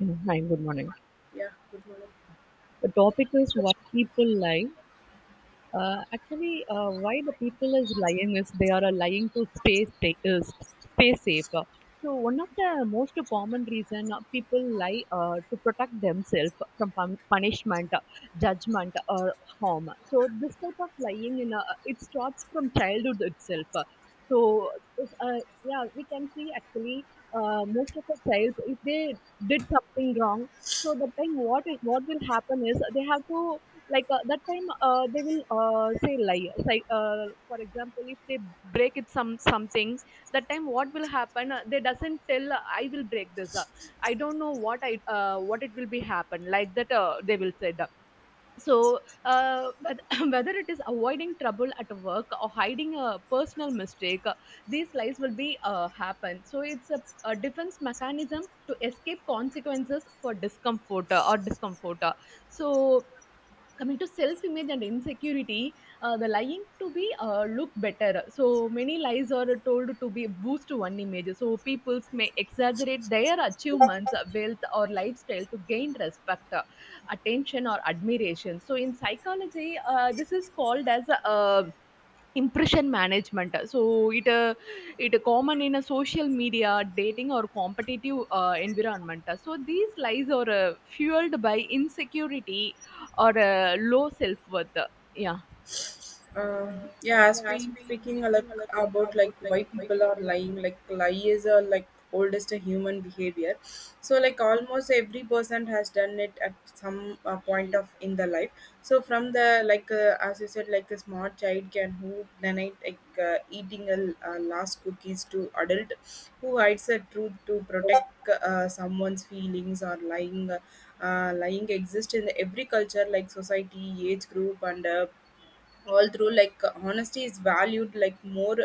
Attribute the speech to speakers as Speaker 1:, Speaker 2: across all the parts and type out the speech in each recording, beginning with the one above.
Speaker 1: Hi, good morning.
Speaker 2: Yeah, good morning.
Speaker 1: The topic is why people lie. Actually, why the people is lying is they are lying to stay safe. So one of the most common reason people lie to protect themselves from punishment, judgment, or harm. So this type of lying in it starts from childhood itself. So yeah, we can see actually most of the childs if they did something wrong. So the thing what will happen is they have to like that time they will say lie say, for example, if they break it some something, that time what will happen they doesn't tell, I will break this. I don't know what I what it will be happen, like that they will say that. So whether it is avoiding trouble at work or hiding a personal mistake, these lies will be happen. So it's a defense mechanism to escape consequences for discomfort. So coming to self image and insecurity, the lying to be look better. So many lies are told to be boost one image. So people may exaggerate their achievements, wealth, or lifestyle to gain respect, attention, or admiration. So in psychology, this is called as uh, impression management. So it uh, it common in a social media, dating, or competitive environment. So these lies are fueled by insecurity or a low self-worth. Yeah.
Speaker 2: Uh, yeah, as we speaking like about like why people are lying, like lie is a like oldest human behavior. So like almost every person has done it at some point of in the life. So from the like as you said, like a small child can who denied like eating a last cookies to adult who hides the truth to protect someone's feelings or lying. Lying exists in every culture like society, age group, and all through like honesty is valued like more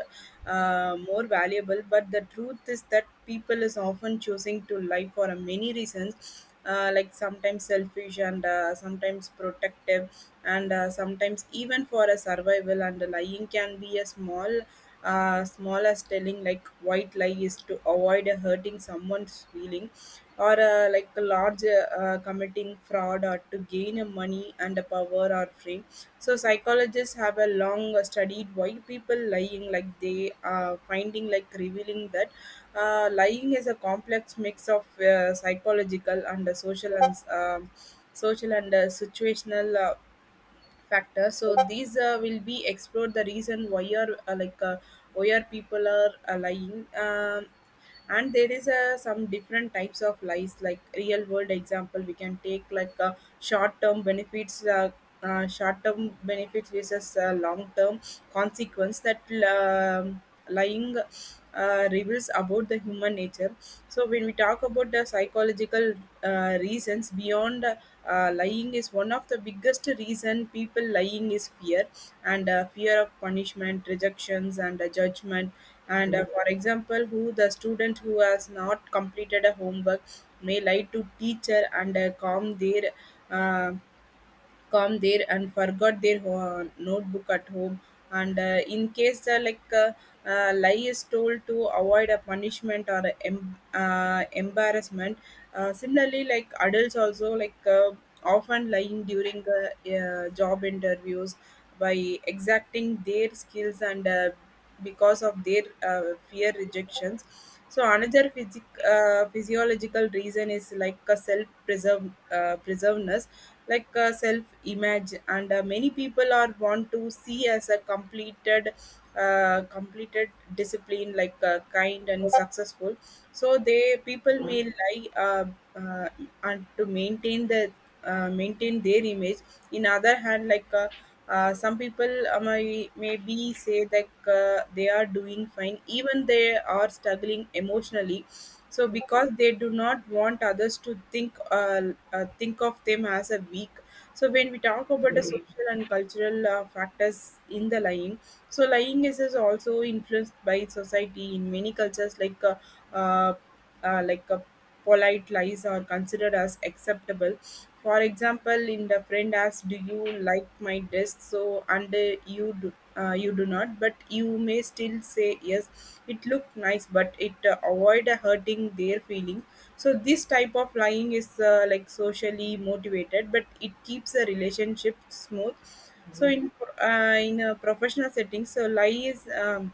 Speaker 2: uh, more valuable but the truth is that people is often choosing to lie for a many reasons like sometimes selfish and sometimes protective and sometimes even for a survival and lying can be a small as telling like white lie is to avoid hurting someone's feeling or like a large committing fraud or to gain a money and a power or fame so psychologists have a long studied why people lying like they are finding like revealing that lying is a complex mix of psychological and social and situational factor so these will be explored the reason why are why are people are lying and there is some different types of lies like real world example we can take like short term benefits, short term benefits versus long term consequence that um, lying reveals about the human nature. So when we talk about the psychological reasons beyond lying is one of the biggest reason people lying is fear and fear of punishment, rejections and judgment. And for example, who the student who has not completed a homework may lie to teacher and calm their uh, come there and forgot their notebook at home and in case the like lie is told to avoid a punishment or a embarrassment similarly like adults also like often lying during job interviews by exacting their skills and because of their fear rejections so another physiological reason is like a self preserveness like a self image and many people are want to see as a completed discipline like kind and successful so they people may lie uh, and to maintain the maintain their image in other hand like some people may, maybe say that they are doing fine even they are struggling emotionally so because they do not want others to think of them as a weak so when we talk about the social and cultural factors in the line so lying is also influenced by society in many cultures, uh, uh, like uh, polite lies are considered as acceptable. For example, in the friend asks, "Do you like my dress?" So and you do. You do not, but you may still say yes. It looked nice, but it avoid hurting their feeling. So this type of lying is like socially motivated, but it keeps a relationship smooth so in professional settings, so lie is um,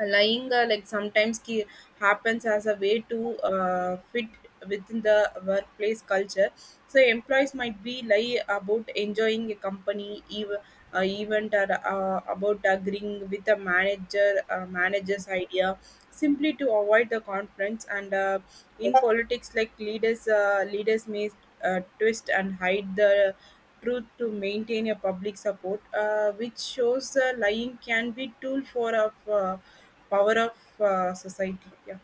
Speaker 2: uh, lying like sometimes happens as a way to fit within the workplace culture so employees might be lie about enjoying a company event or about agreeing with the manager's idea simply to avoid the conflicts and in politics like leaders may twist and hide the truth to maintain a public support, which shows lying can be tool for of power of society. Yeah.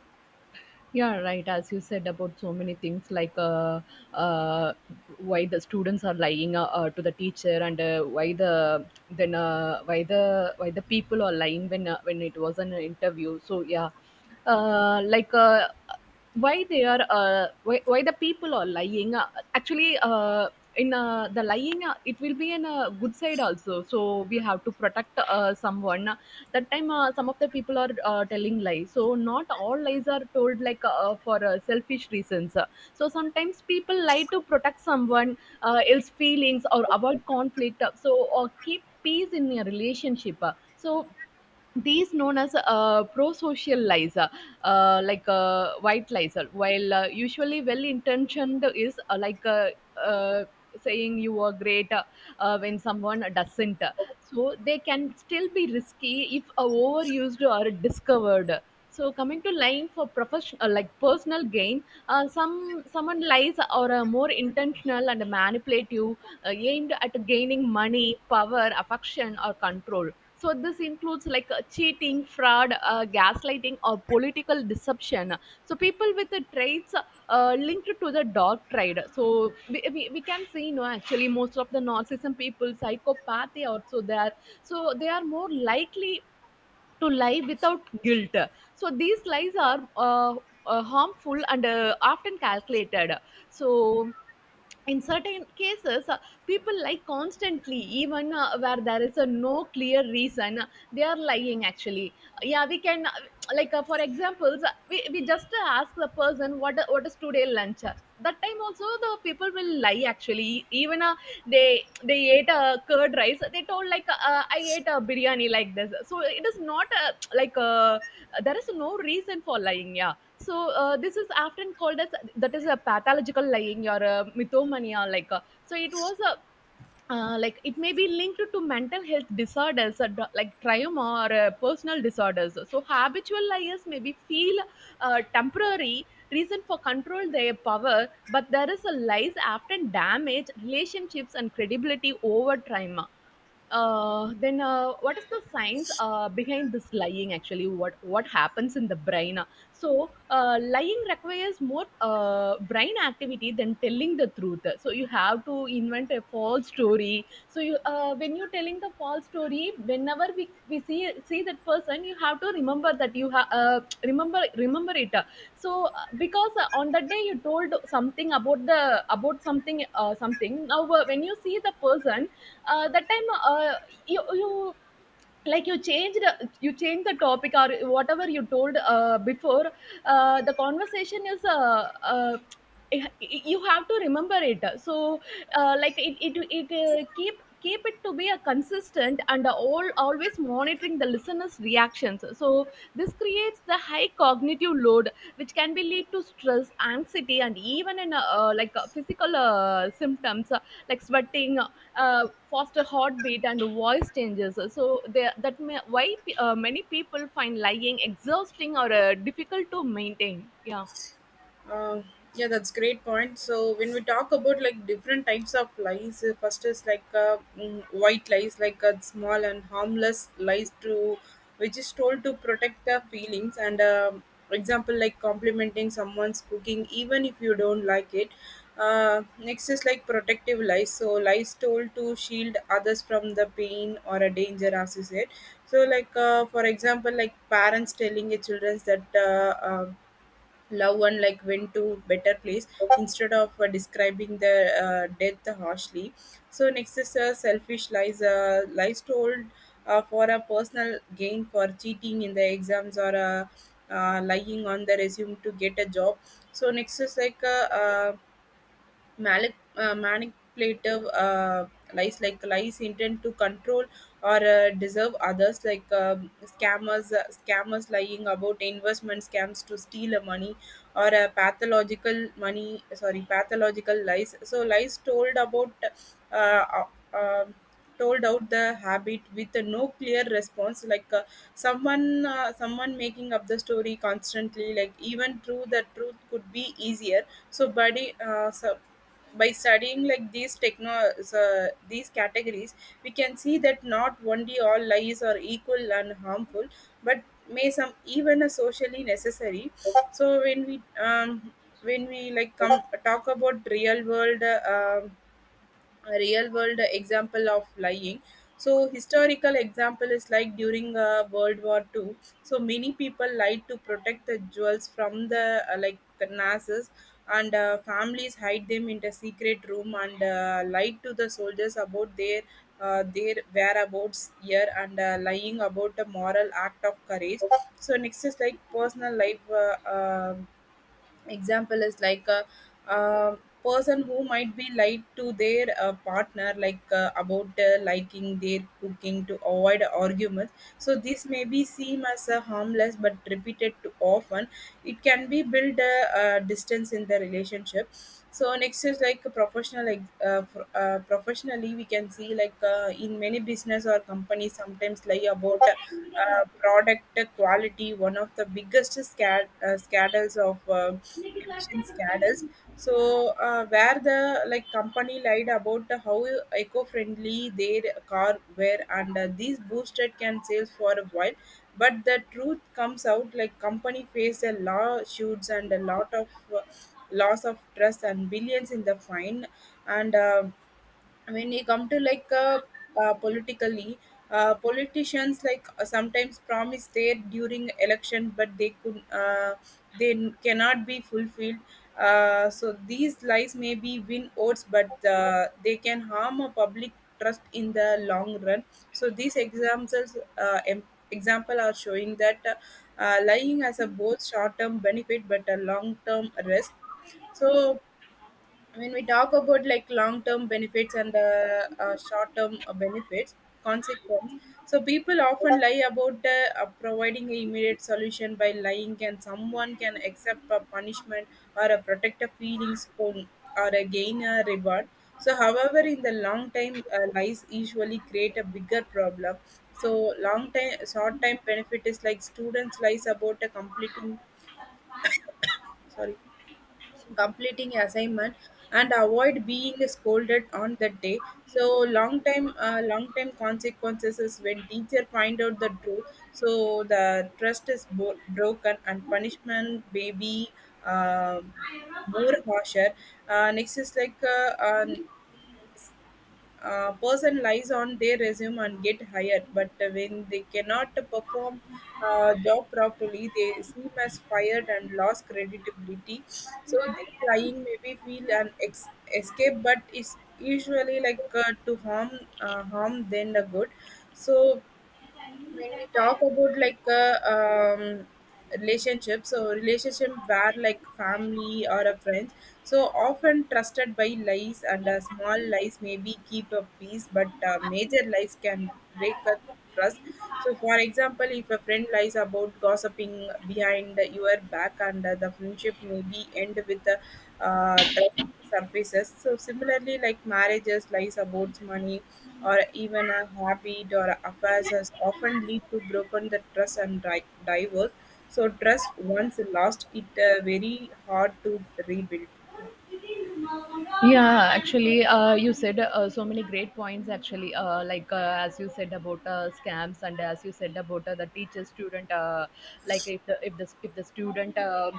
Speaker 1: Yeah, right. As you said about so many things, like uh, why the students are lying, to the teacher, and why the then uh, why the people are lying when it was an interview. So yeah, like why they are, why the people are lying. Actually, in the lying, it will be in a good side also. So we have to protect someone. That time, some of the people are telling lies. So not all lies are told like for selfish reasons. So sometimes people lie to protect someone else feelings or avoid conflict, so or keep peace in a relationship. So these known as prosocial lies. Like white lies, while usually well intentioned, is uh, saying you are great when someone doesn't. So they can still be risky if overused or discovered. So coming to lying for professional, like personal gain, someone lies or more intentional and manipulative, aimed at gaining money, power, affection, or control. So this includes like cheating, fraud, gaslighting, or political deception. So people with the traits linked to the dark trade. So we can see, no, actually most of the narcissism people, psychopath, they also there. So they are more likely to lie without guilt. So these lies are harmful and often calculated. So in certain cases, people lie constantly, even where there is a no clear reason. They are lying actually. Yeah, we can like for examples, we just ask the person what is today lunch. That time also the people will lie actually even they they ate a curd rice, they told like I ate a biryani like this. So it is not like there is no reason for lying. Yeah. So this is often called as that is a pathological lying or a mythomania. Like so it was a like it may be linked to mental health disorders, like trauma or personal disorders. So habitual liars may be feel temporary reason for control their power, but there is a lies often damage relationships and credibility over time. Then what is the science behind this lying, actually what happens in the brain. So, lying requires more brain activity than telling the truth. So, you have to invent a false story. So, you when you're telling the false story, whenever we see that person, you have to remember that you have remember it. So, because on that day you told something about something something. Now, when you see the person, that time, you like you changed the topic or whatever you told before, the conversation is you have to remember it. So like it keep it to be a consistent and all always monitoring the listeners reactions. So this creates the high cognitive load, which can be lead to stress, anxiety, and even in like physical symptoms, like sweating, faster heartbeat, and voice changes. So there, that may, why many people find lying exhausting or difficult to maintain. Yeah.
Speaker 2: Uh, yeah, that's great point. So when we talk about like different types of lies, first is like white lies, like small and harmless lies to which is told to protect the feelings and example like complimenting someone's cooking even if you don't like it. Next is like protective lies. So lies told to shield others from the pain or a danger, as you said. So like for example, like parents telling their children that. Love one like went to better place instead of describing the death harshly so next is selfish lies lies told for a personal gain for cheating in the exams or lying on the resume to get a job so next is like manipulative lies like lies intent to control or deserve others like scammers lying about investment scams to steal money or pathological money sorry pathological lies so lies told about uh, uh, uh, told out the habit with no clear response like uh, someone making up the story constantly like even true the truth could be easier so buddy so by studying like these categories we can see that not only all lies are equal and harmful but may some even are socially necessary so when we like come talk about real world a real world example of lying so historical example is like during world war Two. So many people lied to protect the jewels from the like the nazis and families hide them in the secret room and lied to the soldiers about their whereabouts here and lying about the moral act of courage so next is like personal life example is person who might be lied to their partner like about liking their cooking to avoid arguments so this may be seem as a harmless but repeated too often it can be build a, distance in the relationship so next is like a professional like professionally we can see like in many business or companies sometimes lie about product quality, one of the biggest scandals of emission scandals. So where the like company lied about how eco-friendly their car were, and these boosted can sales for a while. But the truth comes out like company faced a lawsuits and a lot of uh, loss of trust and billions in the fine and when you come to like politically politicians like sometimes promise there during election but they cannot be fulfilled so these lies may be win votes but they can harm a public trust in the long run so these examples example are showing that lying has a both short term benefit but a long term risk so when we talk about like long-term benefits and the short-term benefits consequence so people often lie about providing an immediate solution by lying can someone can accept a punishment or a protective feelings on- or a gain a reward so however in the long time lies usually create a bigger problem so long time short time benefit is like students lies about a completing sorry completing assignment and avoid being scolded on that day so long time consequences is when teacher find out the truth so the trust is broken and punishment may be um more harsher next is like person lies on their resume and get hired but when they cannot perform job properly they seem as fired and lost credibility so this lying maybe feel an escape but it's usually like uh, to harm than the good so when we talk about like relationships so relationship where like family or a friend so often trusted by lies and small lies maybe keep a peace but major lies can break a trust so for example if a friend lies about gossiping behind your back and the friendship maybe end with a trust surfaces. So similarly, like marriages, lies about money, or even a habit or affairs has often lead to broken the trust and divorce. So trust once lost, it very hard to rebuild.
Speaker 1: Yeah, actually you said so many great points actually, like as you said about scams, and as you said about the teacher student, like if the student uh,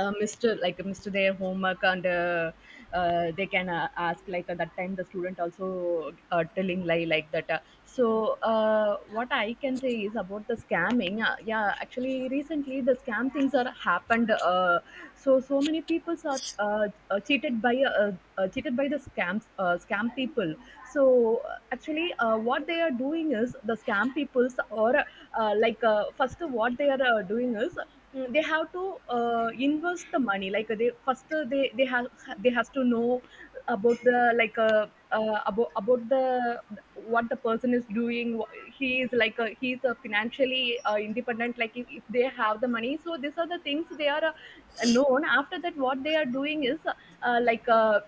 Speaker 1: uh, mr like mr their homework, and they can ask, like at that time the student also telling lie sorry like that. So uh, what I can say is about the scamming. Yeah, actually recently the scam things are happened. So so many people are uh, uh, cheated by uh, cheated by the scams, scam people. So actually, what they are doing is the scam peoples, or like first what they are doing is, they have to invest the money. Like they first they have they has to know about the like about the, what the person is doing. He is he's a financially independent. Like if they have the money, so these are the things they are known. After that, what they are doing is like. Uh,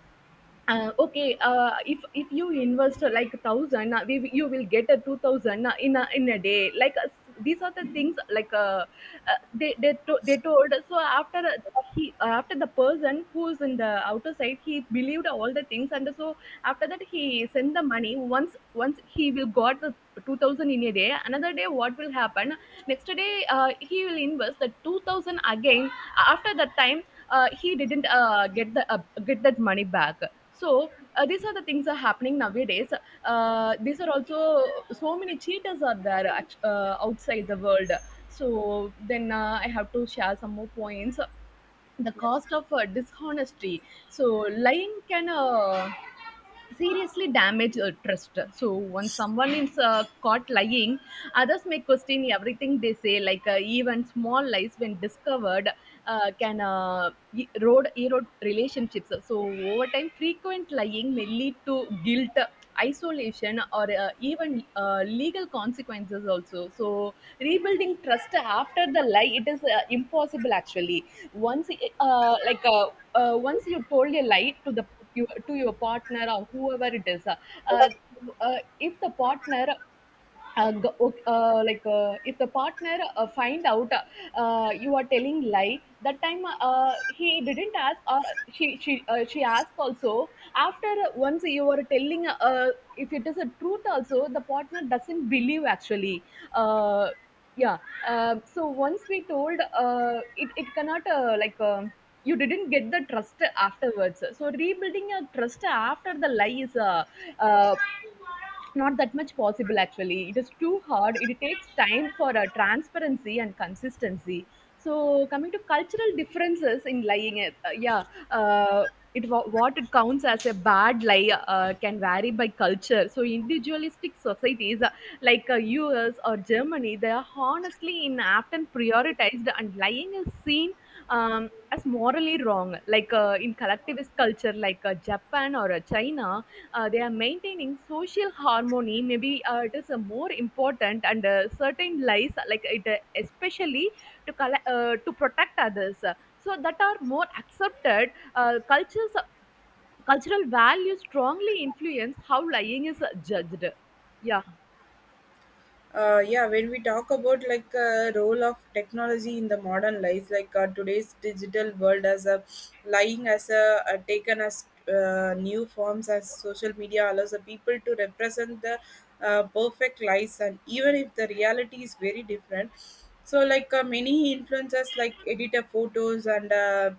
Speaker 1: uh, Okay, if you invest, like a thousand, you will get a 2000 in a day, like these are the things like they told. So after he after the person who's in the outer side, he believed all the things. And so after that, he sent the money. Once he will got the 2000 in a day, another day what will happen, next day he will invest the 2000 again. After that time he didn't get that money back. So these are the things are happening nowadays. These are also so many cheaters are there outside the world. So then, I have to share some more points. The cost of dishonesty. So lying can, seriously damage trust. So when someone is caught lying, others may question everything they say. Like even small lies, when discovered, can erode relationships. So over time, frequent lying may lead to guilt, isolation, or even legal consequences also. So rebuilding trust after the lie, it is impossible actually. Once uh, like uh, once you told a lie to the you to your partner or whoever it is, uh, if the partner go- ok- like if the partner find out you are telling lie, that time he didn't ask, or she asked also. After once you are telling, if it is a truth also, the partner doesn't believe actually. uh, yeah so once we told it cannot, you didn't get the trust afterwards. So rebuilding your trust after the lie is uh, not that much possible actually. It is too hard, it takes time for transparency and consistency. So coming to cultural differences in lying. Yeah uh, what it counts as a bad lie can vary by culture. So individualistic societies like US or Germany, they are honestly in often prioritized, and lying is seen, as morally wrong. Like in collectivist culture like Japan or China, they are maintaining social harmony maybe, it is a more important, and certain lies like it, especially to protect others, so that are more accepted cultures. Cultural values strongly influence how lying is judged. Yeah.
Speaker 2: Yeah, when we talk about like role of technology in the modern life like today's digital world as a lying as a, taken as new forms as social media allows the people to represent the perfect lies and even if the reality is very different so like many influencers like editor photos and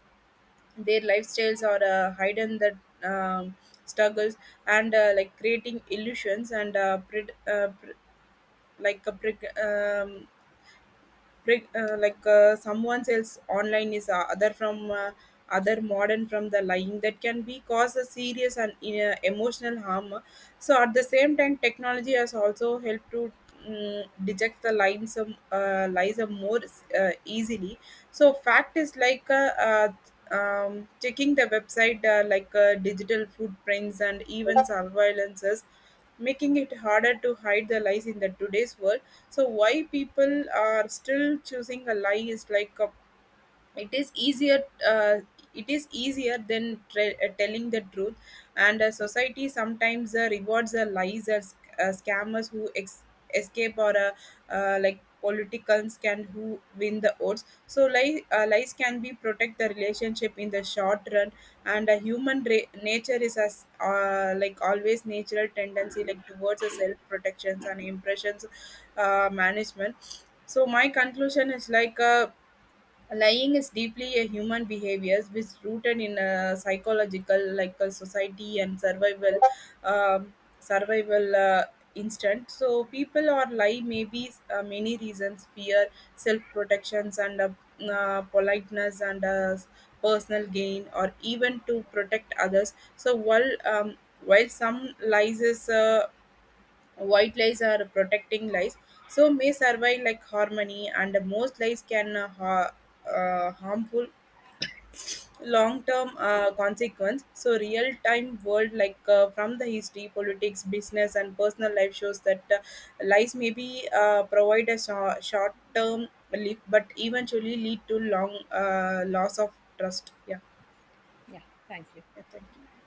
Speaker 2: their lifestyles or hidden the um, struggles and like creating illusions and like a brick like someone else online is other from other modern from the lying that can be cause a serious and emotional harm so at the same time technology has also helped to mm detect the lines of, lies of more easily so fact is like checking the website like digital footprints and even surveillances making it harder to hide the lies in the today's world so why people are still choosing a lie is like a it is easier uh, it is easier than telling the truth and society sometimes rewards lies as scammers who escape or like politicals can who win the odds so lies can be protect the relationship in the short run and uh, human nature is as like always natural tendency like towards a self protections and impressions management so my conclusion is like Lying is deeply a human behavior which rooted in a psychological, like a society and survival, survival instinct. So people or lie may be many reasons: fear, self protections, and politeness, and personal gain, or even to protect others. So while some lies is white lies are protecting lies so may survive like harmony and most lies can uh, harmful long term consequence so real time world like from the history politics business and personal life shows that lies may be provide a short term relief but eventually lead to long loss of trust yeah,
Speaker 1: Yeah, thank you.
Speaker 2: yeah thank you